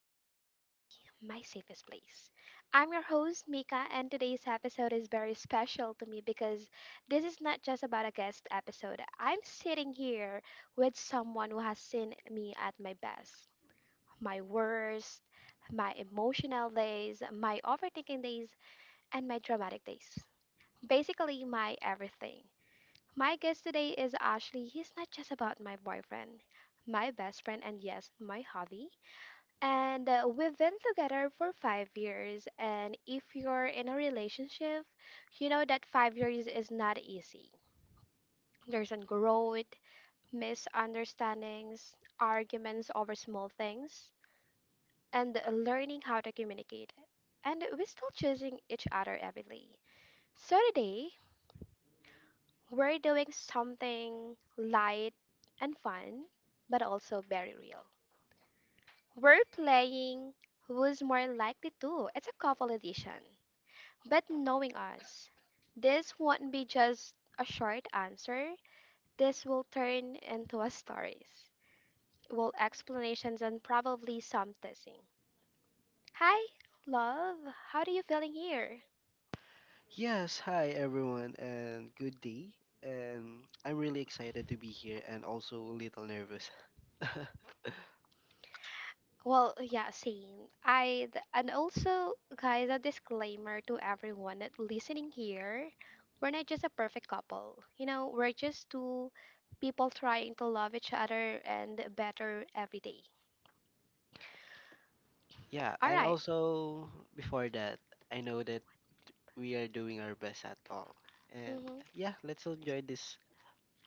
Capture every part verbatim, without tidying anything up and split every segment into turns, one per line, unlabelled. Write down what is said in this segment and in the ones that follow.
and honestly, my safest place. I'm your host, Mika, and today's episode is very special to me because this is not just about a guest episode. I'm sitting here with someone who has seen me at my best, my worst, my emotional days, my overthinking days, and my dramatic days. Basically, my everything. My guest today is Ashley. He's not just about my boyfriend, my best friend, and yes, my hobby. And uh, we've been together for five years. And if you're in a relationship, you know that five years is not easy. There's an growth, misunderstandings, arguments over small things, and learning how to communicate. And we're still choosing each other every day. So today, we're doing something light and fun, but also very real. We're playing Who's More Likely To? It's a couple edition. But knowing us, this won't be just a short answer. This will turn into a stories, well, explanations, and probably some teasing. Hi, love. How do you feeling here?
Yes, hi everyone, and good day. And I'm really excited to be here and also a little nervous.
Well, yeah, same. I and also, guys, a disclaimer to everyone that listening here, we're not just a perfect couple. You know, we're just two people trying to love each other and better every day.
Yeah,
All
and
right.
also before that, I know that we are doing our best at all. And
Mm-hmm.
yeah, let's enjoy this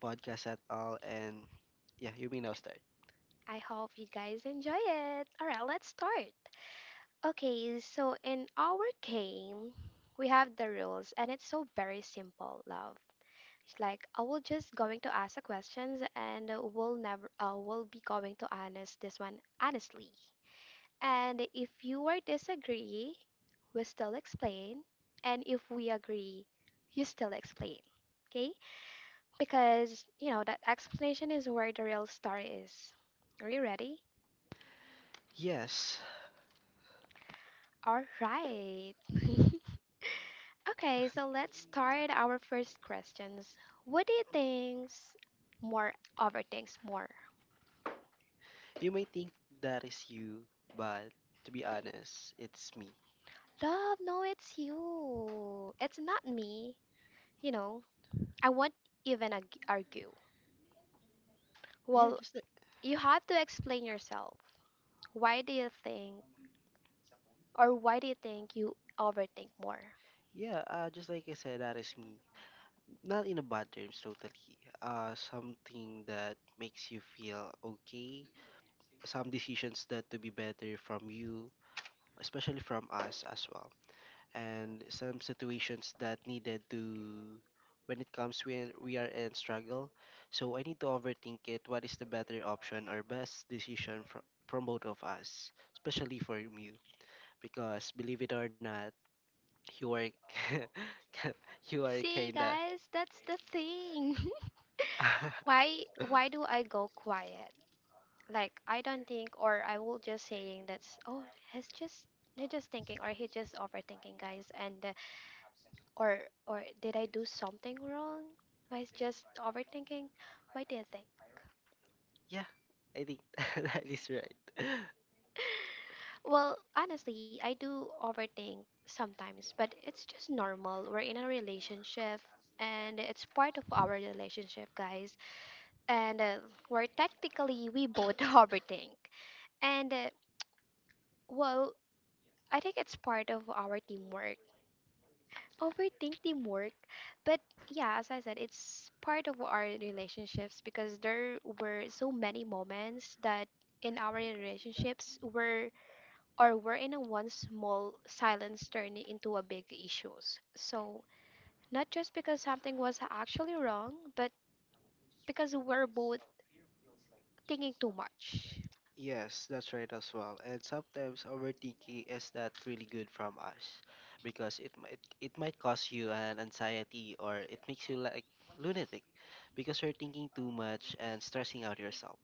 podcast at all. And yeah, you may now start.
I hope you guys enjoy it. All right, let's start. Okay, so in our game, we have the rules, and it's so very simple, love. It's like I will just going to ask the questions and uh, we'll never uh, we'll be going to honest this one honestly. And if you are disagree, we still explain. And if we agree, you still explain. Okay? Because you know that explanation is where the real story is. Are you ready?
Yes,
All right. Okay, so let's start our first questions. What do you think's more overthinks more?
you may think that is you, but to be honest, it's me.
Love, no, it's you. It's not me. You know, I won't even ag- argue.
Yeah,
Well,
just like,
you have to explain yourself. Why do you think, or why do you think you overthink more?
yeah, uh, just like I said, that is me. Not in a bad terms, totally. Uh, something that makes you feel okay. Some decisions that to be better from you, especially from us as well. And some situations that needed to, when it comes when we are in struggle. So I need to overthink it. What is the better option or best decision from from both of us, especially for you? Because believe it or not, you are you are
See,
kinda.
guys, that's the thing. why, why do I go quiet? Like I don't think, or I will just saying that's oh, he's just he's just thinking, or he's just overthinking, guys, and uh, or or did I do something wrong? I was just overthinking. Why do you think?
Yeah, I think that is right.
Well, honestly, I do overthink sometimes, but it's just normal. We're in a relationship and it's part of our relationship, guys. And uh, we're technically we both overthink. And uh, well, I think it's part of our teamwork overthink teamwork, but yeah, as I said, it's part of our relationships because there were so many moments that in our relationships were or were in a one small silence turning into a big issues. So not just because something was actually wrong, but because we're both thinking too much.
Yes, that's right as well. And sometimes overthinking is not really good from us, because it might it might cause you an anxiety, or it makes you like lunatic because you're thinking too much and stressing out yourself.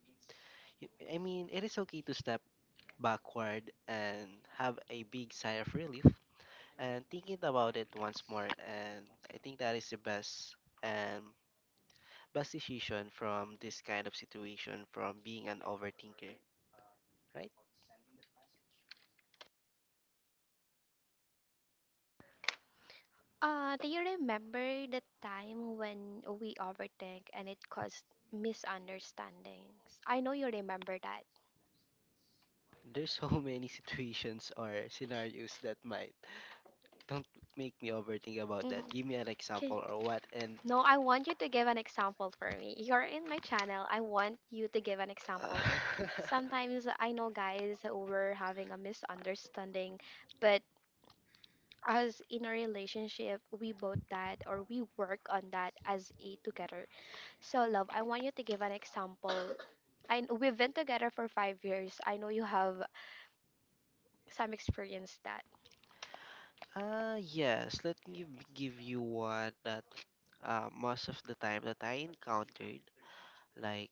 You- I mean, it is okay to step backward and have a big sigh of relief and thinking about it once more, and I think that is the best and best decision from this kind of situation from being an overthinker, right?
uh Do you remember the time when we overthink and it caused misunderstandings? I know you remember that.
There's so many situations or scenarios that might don't make me overthink about that.
Mhm.
Give me an example
'Kay.
or what. And
No, I want you to give an example for me. You're in my channel. I want you to give an example.
uh
Sometimes I know, guys, we're having a misunderstanding, but as in a relationship, we both that or we work on that as a together. So love, I want you to give an example. I kn- we've been together for five years. I know you have some experience that
uh yes, let me give you one that uh, most of the time that I encountered, like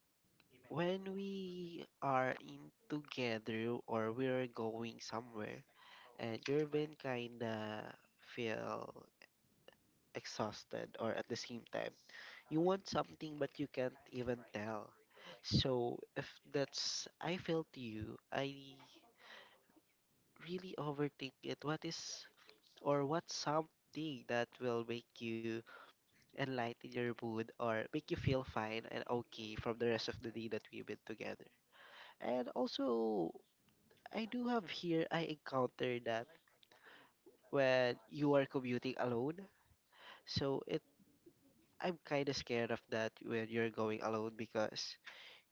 when we are in together or we're going somewhere and you've been kinda feel exhausted, or at the same time you want something but you can't even tell. So if that's I feel to you, I really overthink it, what is or what's something that will make you enlighten your mood or make you feel fine and okay from the rest of the day that we've been together. And also, I do have here, I encountered that when you are commuting alone. So it, I'm kind of scared of that when you're going alone, because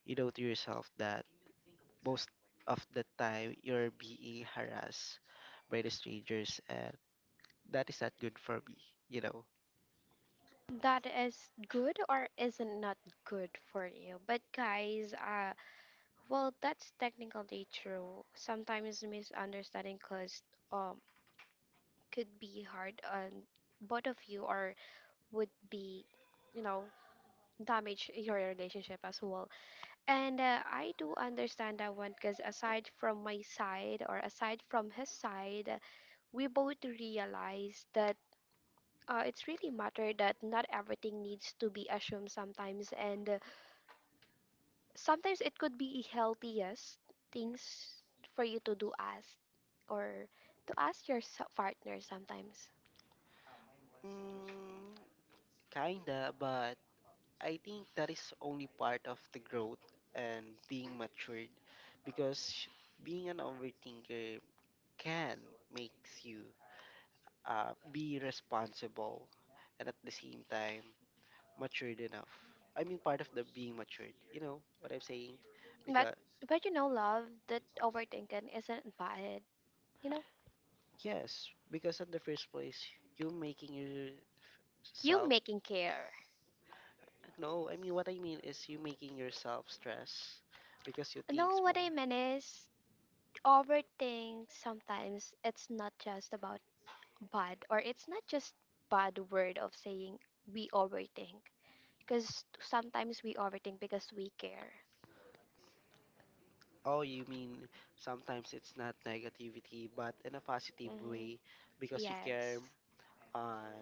you know to yourself that most of the time you're being harassed by the strangers, and that is not good for me, you know.
that is good or is not good for you. But guys, uh, Well, that's technically true. Sometimes misunderstanding cause um could be hard on both of you or would be, you know, damage your relationship as well. And uh, I do understand that one because aside from my side or aside from his side, we both realize that, uh, it's really matter that not everything needs to be assumed sometimes, and uh, sometimes it could be healthiest things for you to do ask or to ask your so- partner sometimes.
Mm, kinda, but I think that is only part of the growth and being matured, because being an overthinker can makes you, uh, be responsible and at the same time matured enough. I mean, part of the being matured. You know what I'm saying?
but
Because
but you know, love, that overthinking isn't invited, you know.
yes, because in the first place, you making yourself,
You making care.
no. I mean, what I mean is you making yourself stress because you
No,
think
what
more.
I mean is overthink sometimes it's not just about bad, or it's not just bad word of saying we overthink because sometimes we overthink because we care.
Oh, you mean sometimes it's not negativity, but in a positive
Hmm.
way because you care
Yes.
on.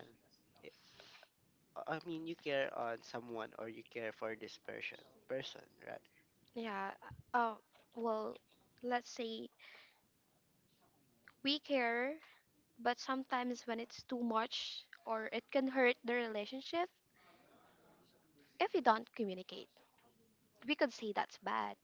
I I mean, you care on someone or you care for this person, person, right?
Yeah. Uh, well, let's say we care, but sometimes when it's too much or it can hurt the relationship, if you don't communicate, we could say that's bad.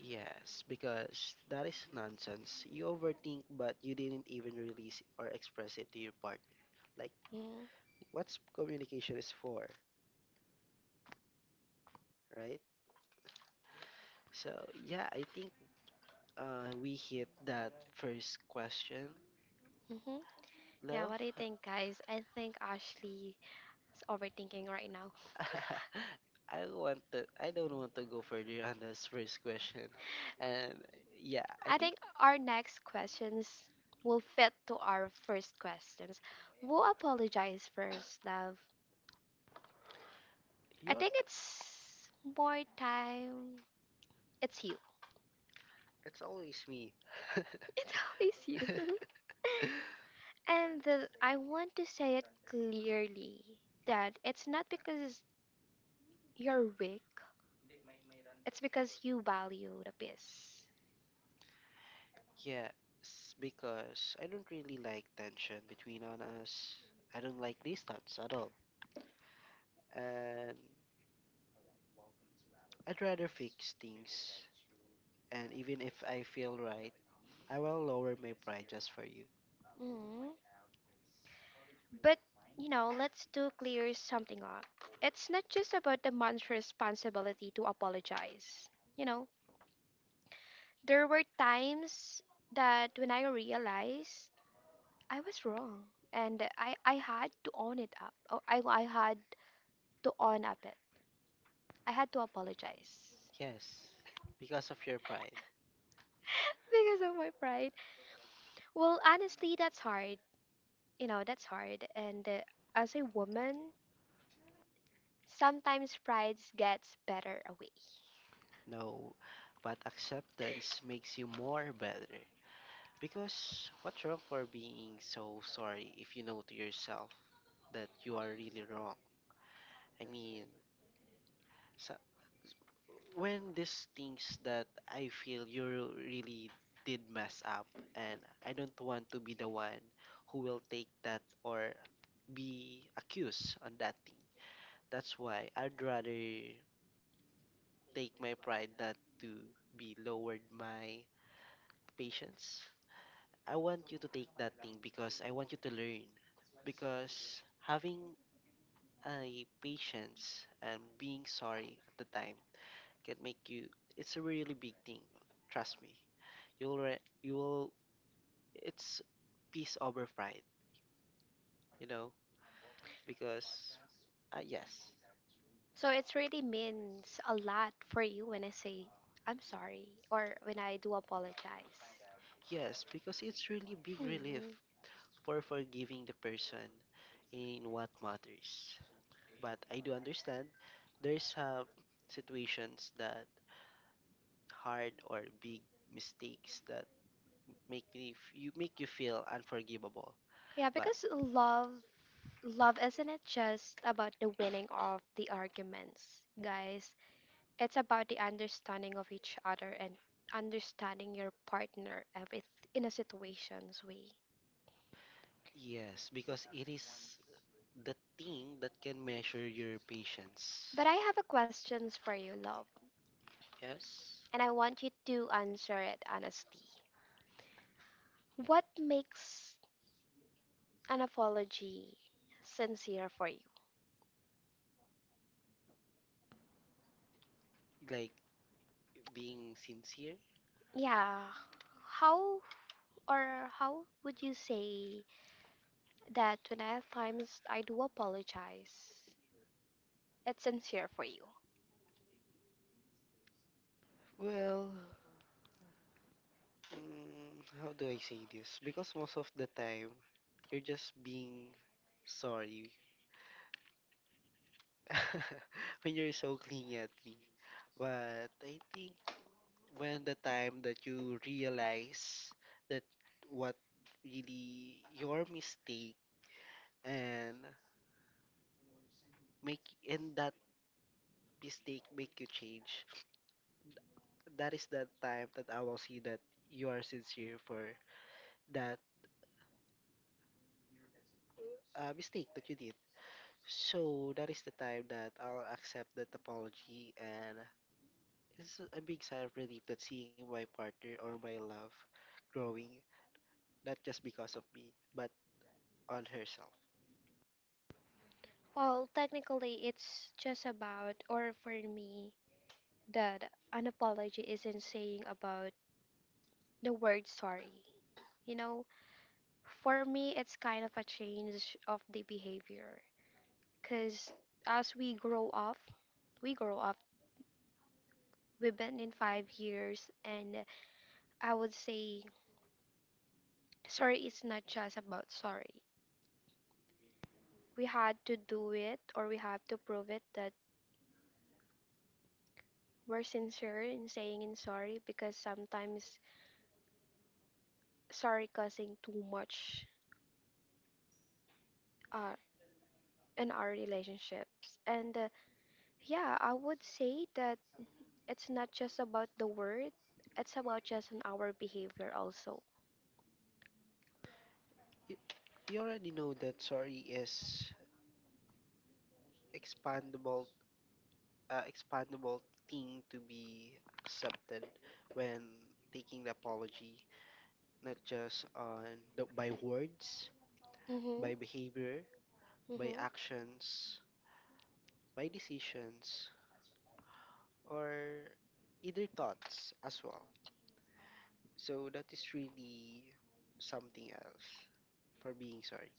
Yes, because that is nonsense. You overthink, but you didn't even release or express it to your partner. Like,
Mm.
what's communication is for, right? So, yeah, I think uh, we hit that first question,
Mm-hmm. Yeah,
love.
what do you think, guys? I think Ashley is overthinking right now.
I want to. I don't want to go further on this first question, and yeah, I
I
think
think our next questions will fit to our first questions. We apologize first, love. I
you're.
think it's more time. It's you.
It's always me.
It always you. and the, I want to say it clearly that it's not because you're weak, it's because you value the peace.
Yes, because I don't really like tension between on us. I don't like distance at all. And I'd rather fix things. And even if I feel right, I will lower my pride just for you.
Mm. But, you know, let's do clear something up. It's not just about the man's responsibility to apologize. You know, there were times that when I realized I was wrong, and I, I had to own it up. Or I, I had to own up it. I had to apologize.
Yes, because of your pride.
Because of my pride. Well, honestly, that's hard. You know, that's hard. And uh, as a woman, sometimes pride gets better away.
No, but acceptance makes you more better. Because what's wrong for being so sorry if you know to yourself that you are really wrong? I mean, so when these things that I feel you really did mess up, and I don't want to be the one who will take that or be accused on that thing. That's why I'd rather take my pride that to be lowered my patience. I want you to take that thing because I want you to learn. Because having a patience and being sorry at the time can make you, it's a really big thing, trust me, you'll re- you will, it's peace over pride, you know, because uh, yes.
So it really means a lot for you when I say I'm sorry or when I do apologize.
Yes, because it's really big relief
Mm.
for forgiving the person in what matters, but I do understand there's some situations that hard or big mistakes that make me f- you make you feel unforgivable.
Yeah,
But
because love love isn't it just about the winning of the arguments, guys. It's about the understanding of each other and understanding your partner every in a situation's way.
yes, because it is the thing that can measure your patience.
But I have a questions for you, love,
Yes,
and I want you to answer it honestly. What makes an apology sincere for you?
like being sincere.
Yeah. How or how would you say that when at times I do apologize, it's sincere for you?
Well, mm, how do I say this? Because most of the time, you're just being sorry when you're so clingy at me. But I think when the time that you realize that what really your mistake and make and that mistake make you change, that is the time that I will see that you are sincere for that uh, mistake that you did. So that is the time that I'll accept that apology, and it's a big sigh of relief that seeing my partner or my love growing, not just because of me but on herself.
Well, technically, it's just about, or for me, that an apology isn't saying about the word sorry. You know, for me, it's kind of a change of the behavior because as we grow up, we grow up. We've been in five years, and I would say sorry is not just about sorry. We had to do it or we have to prove it that we're sincere in saying in sorry because sometimes sorry causing too much, uh, in our relationships. And uh, yeah, I would say that it's not just about the word, it's about just on our behavior also.
you, you already know that sorry is expandable, uh, expandable thing to be accepted when taking the apology, not just on the, by words,
Mhm.
by behavior, by
Mhm.
actions, by decisions, or either thoughts as well. So that is really something else for being sorry.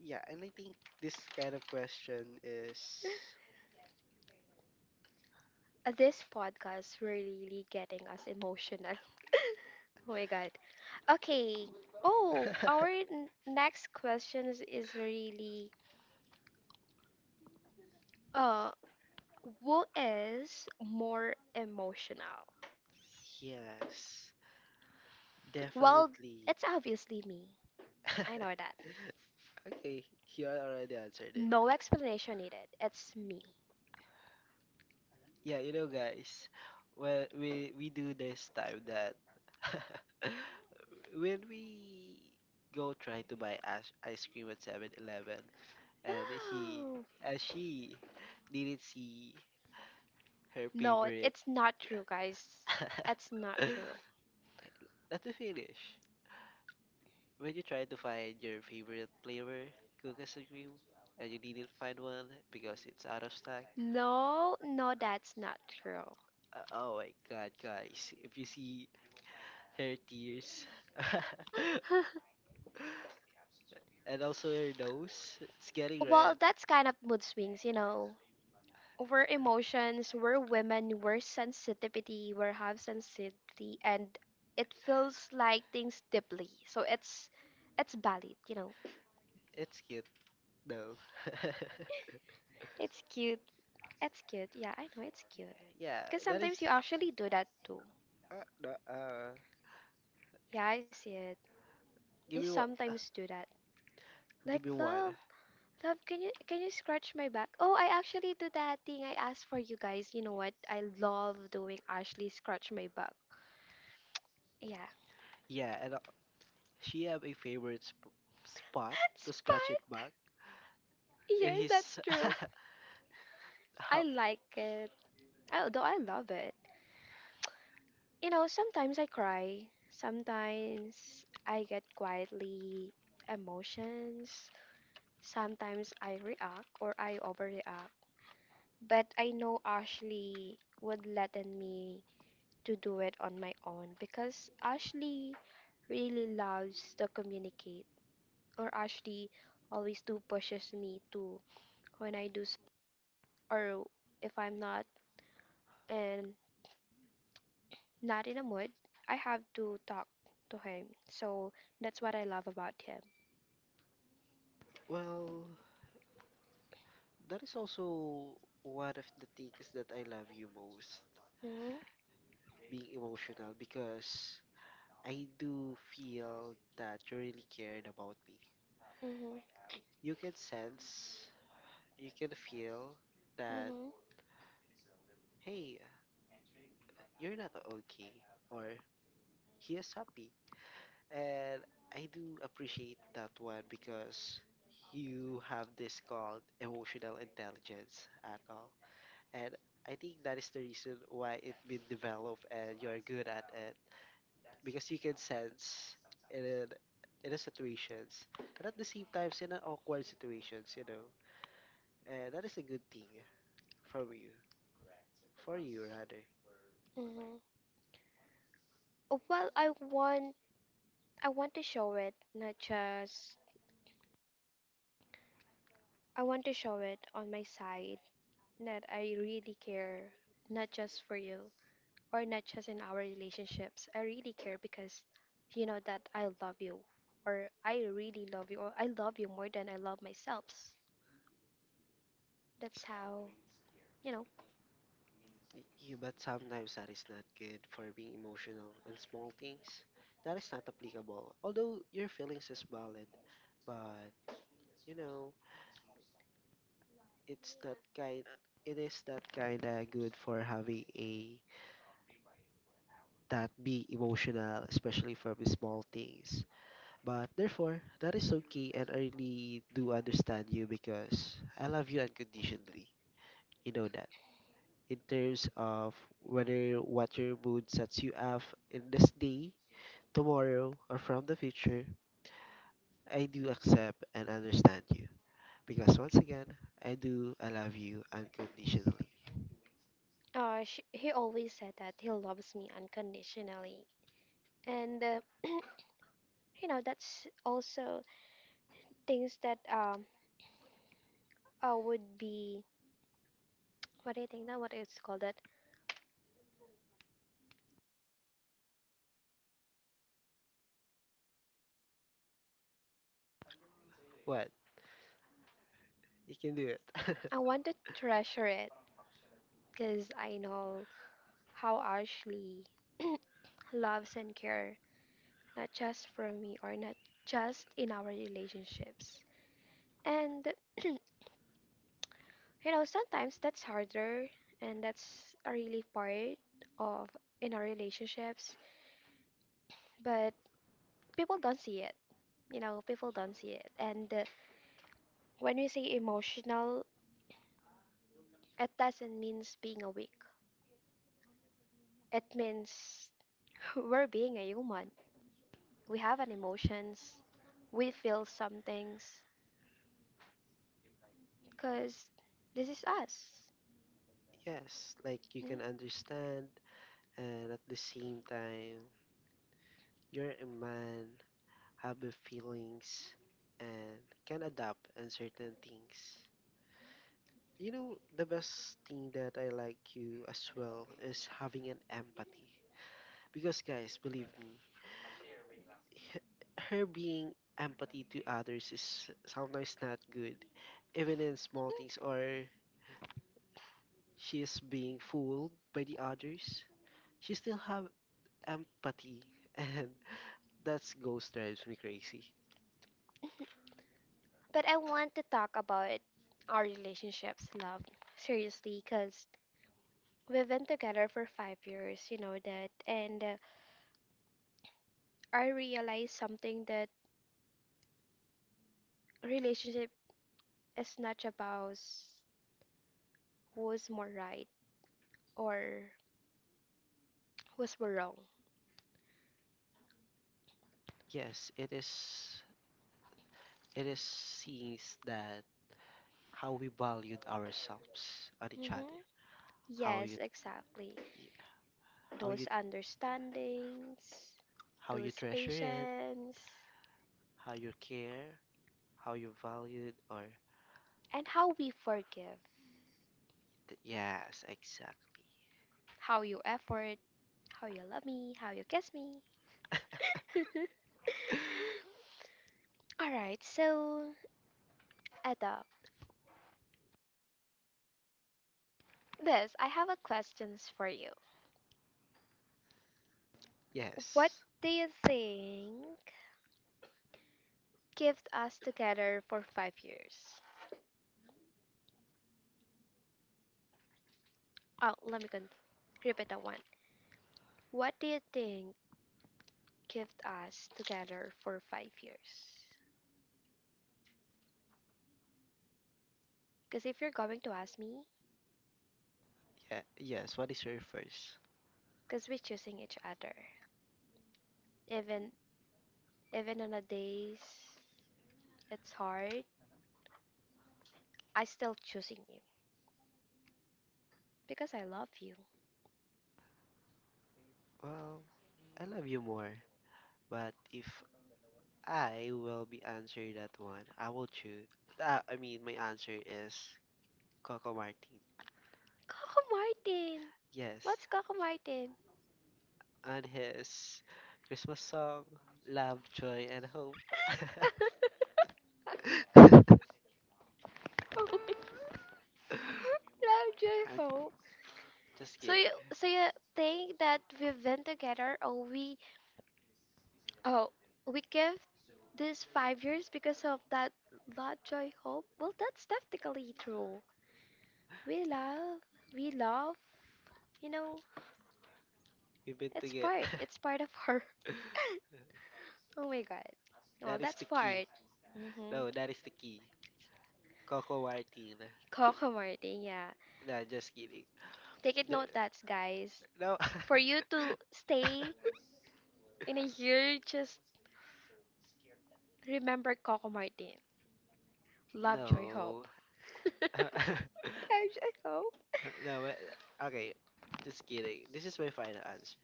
Yeah, and I think this kind of question is
Uh, This podcast really getting us emotional. Oh my god. Okay. Oh, our n- next question is, is really uh who is more emotional?
yes,
Well,
definitely.
it's obviously me. I know that.
Okay, you already answered it.
No explanation needed. It's me.
Yeah, you know, guys, well, we we do this time that when we go try to buy ice ice cream at Seven Eleven, and he,
No.
and she didn't see her
No,
favorite
it's not true, guys. It's not true.
Not to finish, when you try to find your favorite flavor cookies ice cream and you didn't find one because it's out of stock,
No, no, that's not true.
Uh, oh my god, guys. If you see her tears and also her nose, it's getting
Well,
red.
that's kind of mood swings, you know. We're emotions, we're women, we're sensitivity, we have sensitivity, and it feels like things deeply. So it's it's valid, you know.
It's cute though.
It's cute. It's cute. Yeah, I know it's cute.
Yeah,
Because
that is.
sometimes you actually do that too.
Uh, no, uh,
Yeah, I see it. You
give me one. Uh,
sometimes do that. Like
give me one.
love, Love, can you can you scratch my back? Oh, I actually do that thing I asked for you guys. You know what? I love doing Ashley scratch my back. Yeah.
Yeah, and uh, she have a favorite sp- spot to
It's fun.
scratch it back. And
Yes, that's
his.
true. I
How,
like it. Although I love it. You know, sometimes I cry. Sometimes I get quietly emotions. Sometimes I react or I overreact. But I know Ashley would let in me to do it on my own because Ashley really loves to communicate, or Ashley always do pushes me to when I do s- or if I'm not and not in a mood, I have to talk to him. So that's what I love about him.
well, that is also one of the things that I love you most,
Mhm.
being emotional, because I do feel that you really cared about me.
Mhm.
You can sense, you can feel that,
Mhm.
hey, you're not okay, or he is happy. And I do appreciate that one because you have this called emotional intelligence at all. And I think that is the reason why it been developed and you're good at it, because you can sense in a, in a situations, and at the same time in an awkward situations, you know, and that is a good thing from you, for you rather.
Mhm. Oh, well, I want I want to show it, not just I want to show it on my side that I really care, not just for you. Or not just in our relationships. I really care because you know that I love you, or I really love you, or I love you more than I love myself. That's how, you know,
Y- you but sometimes that is not good for being emotional in small things that is not applicable, although your feelings is valid, but you know it's not kind, it is not kind of good for having a that be emotional, especially for the small things. But therefore, that is okay, and I really do understand you because I love you unconditionally. You know that. In terms of whether what your mood sets you up in this day, tomorrow, or from the future, I do accept and understand you. Because once again, I do I love you unconditionally.
uh, she, he always said that he loves me unconditionally. And, uh, you know, that's also things that um, uh, would be, what do you think that, what it's called that?
What? You can do it.
I want to treasure it because I know how Ashley loves and care, not just from me or not just in our relationships. And you know, sometimes that's harder, and that's a really part of in our relationships, but people don't see it. You know, people don't see it. And uh, when we say emotional, it doesn't mean being a weak. It means we're being a human. We have an emotions. We feel some things because this is us.
Yes, like you
Mm.
can understand, and at the same time, you're a man have the feelings, and can adapt on certain things. You know, the best thing that I like you as well is having an empathy. Because, guys, believe me, h- her being empathy to others is sometimes not good. Even in small things, or she is being fooled by the others, she still have empathy and that's ghost drives me crazy.
But I want to talk about our relationships, love, seriously, because we've been together for five years, you know that. And uh, I realized something that relationship is not about who's more right or who's more wrong.
Yes, it is, it is scenes that how we valued ourselves and each other,
Hmm.
how
Yes,
you
exactly.
how you
Those understandings,
how you
those
treasure it,
patience,
how you care, how you value it, or
and how we forgive,
th- yes, exactly.
how you effort, how you love me, how you kiss me. All right, so Eda, this I have a questions for you. What
yes,
do you think kept us together for five years? Oh, let me con- repeat that one. What do you think kept us together for five years? Because if you're going to ask me,
yeah, yes. What is your first?
because we're choosing each other, even even on the days it's hard, I still choosing you because I love you.
Well, I love you more, but if I will be answering that one, I will choose. Uh, I mean, my answer is Coco Martin.
Coco Martin,
Yes,
what's Coco Martin?
and his Christmas song, Love, Joy, and Hope.
Oh my. Love, joy,
I'm
hope.
just
So
kidding.
you so you think that we've been together, or we oh we give this five years because of that Love, Joy, Hope? Well, that's definitely true. We love we love, you know,
We've been
it's
together.
part. It's part of her. Oh my god. Well,
That is
that's
the key.
part. Mm-hmm.
No, that is the key. Coco Martin.
Coco Martin, yeah.
Nah, just kidding.
Take it note
There-
that, guys,
No.
for you to stay in a year, just remember Coco Martin. Love, joy,
No.
hope. I hope.
No, but, okay. Just kidding. This is my final answer.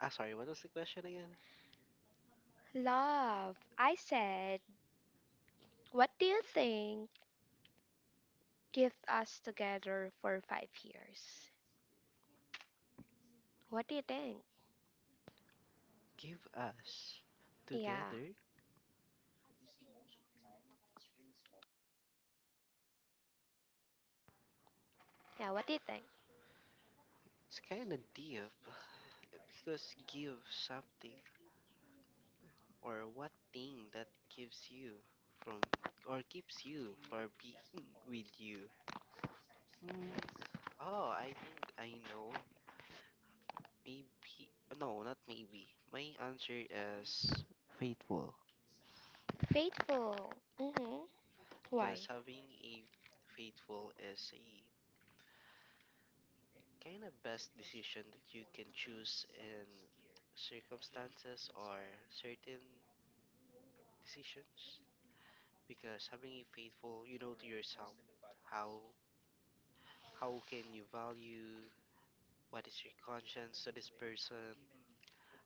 Ah, sorry, what was the question again?
Love, I said, what do you think kept us together for five years? What do you think?
Give us
Yeah,
together.
yeah, what do you think?
It's kind of deep because give something or what thing that gives you from or keeps you for being with you. Oh, I think I know. Maybe no, not maybe. My answer is faithful,
Faithful. Mm-hmm.
because
Why?
having a faithful is a kind of best decision that you can choose in circumstances or certain decisions. Because having faithful, you know, to yourself, how how can you value what is your conscience to this person?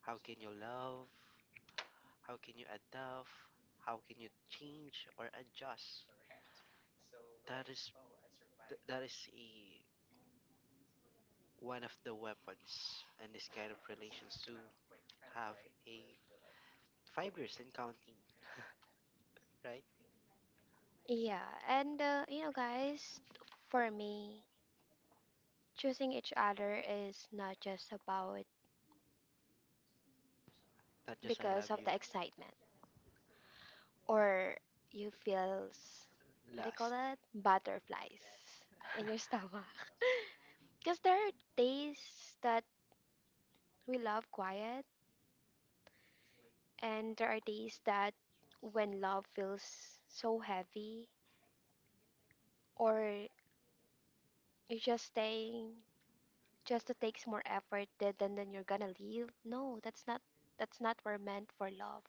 How can you love? How can you adapt? How can you change or adjust? That is th- that is a one of the weapons and this kind of relations to have a five years and counting, right?
Yeah, and uh, you know, guys, for me, choosing each other is not just about
Not just I love
because of
you.
the excitement. Or you feel s- what do you call
Last.
that, butterflies in your stomach? Because there are days that we love quiet, and there are days that when love feels so heavy, or you're just staying just to takes more effort than than than you're gonna leave. No, that's not that's not we're meant for love,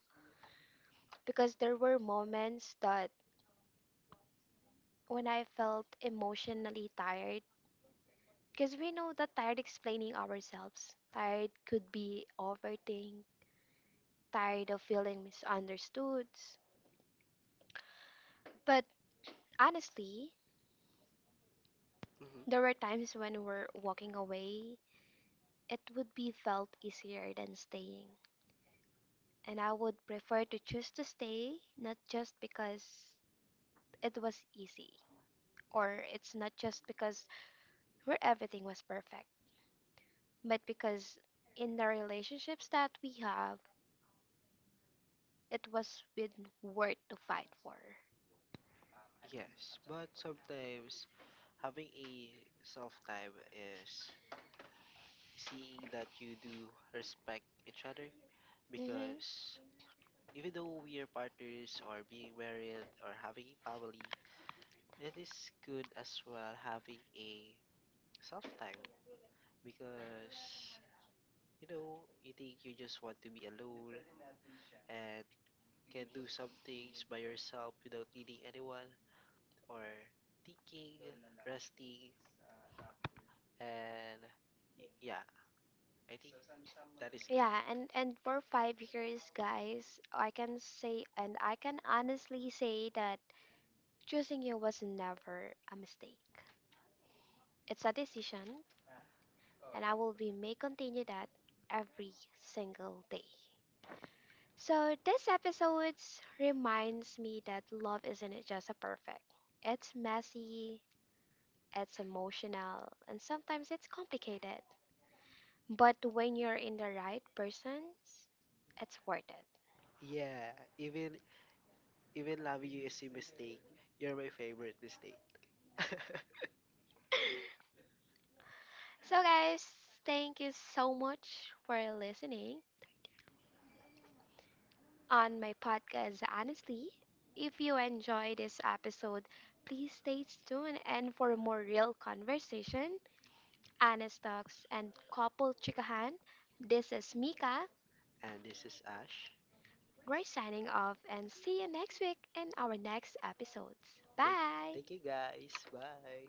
because there were moments that when I felt emotionally tired. Because we know that tired explaining ourselves. Tired could be overthink, tired of feeling misunderstood. But honestly, there were
Hmm.
times when we're walking away, it would be felt easier than staying. And I would prefer to choose to stay, not just because it was easy, or it's not just because where everything was perfect, but because in the relationships that we have, it was with worth to fight for.
Yes, but sometimes having a self time is seeing that you do respect each other,
Mhm.
because even though we are partners or being married or having a family, it is good as well having a self time, because you know you think you just want to be alone and can do some things by yourself without needing anyone, or thinking, resting, and yeah, I think that is good.
Yeah, and and for five years, guys, I can say, and I can honestly say that choosing you was never a mistake. It's a decision, and I will be may continue that every single day. So this episode reminds me that love isn't just a perfect. It's messy, it's emotional, and sometimes it's complicated. But when you're in the right persons, it's worth it.
Yeah, even even loving you is a mistake. You're my favorite mistake.
So, guys, thank you so much for listening on my podcast. Honestly, if you enjoy this episode, please stay tuned and for more real conversation, honest talks, and couple chikahan. This is Mika.
And this is Ash.
We're signing off and see you next week in our next episodes.
Thank,
Bye.
thank you guys. Bye.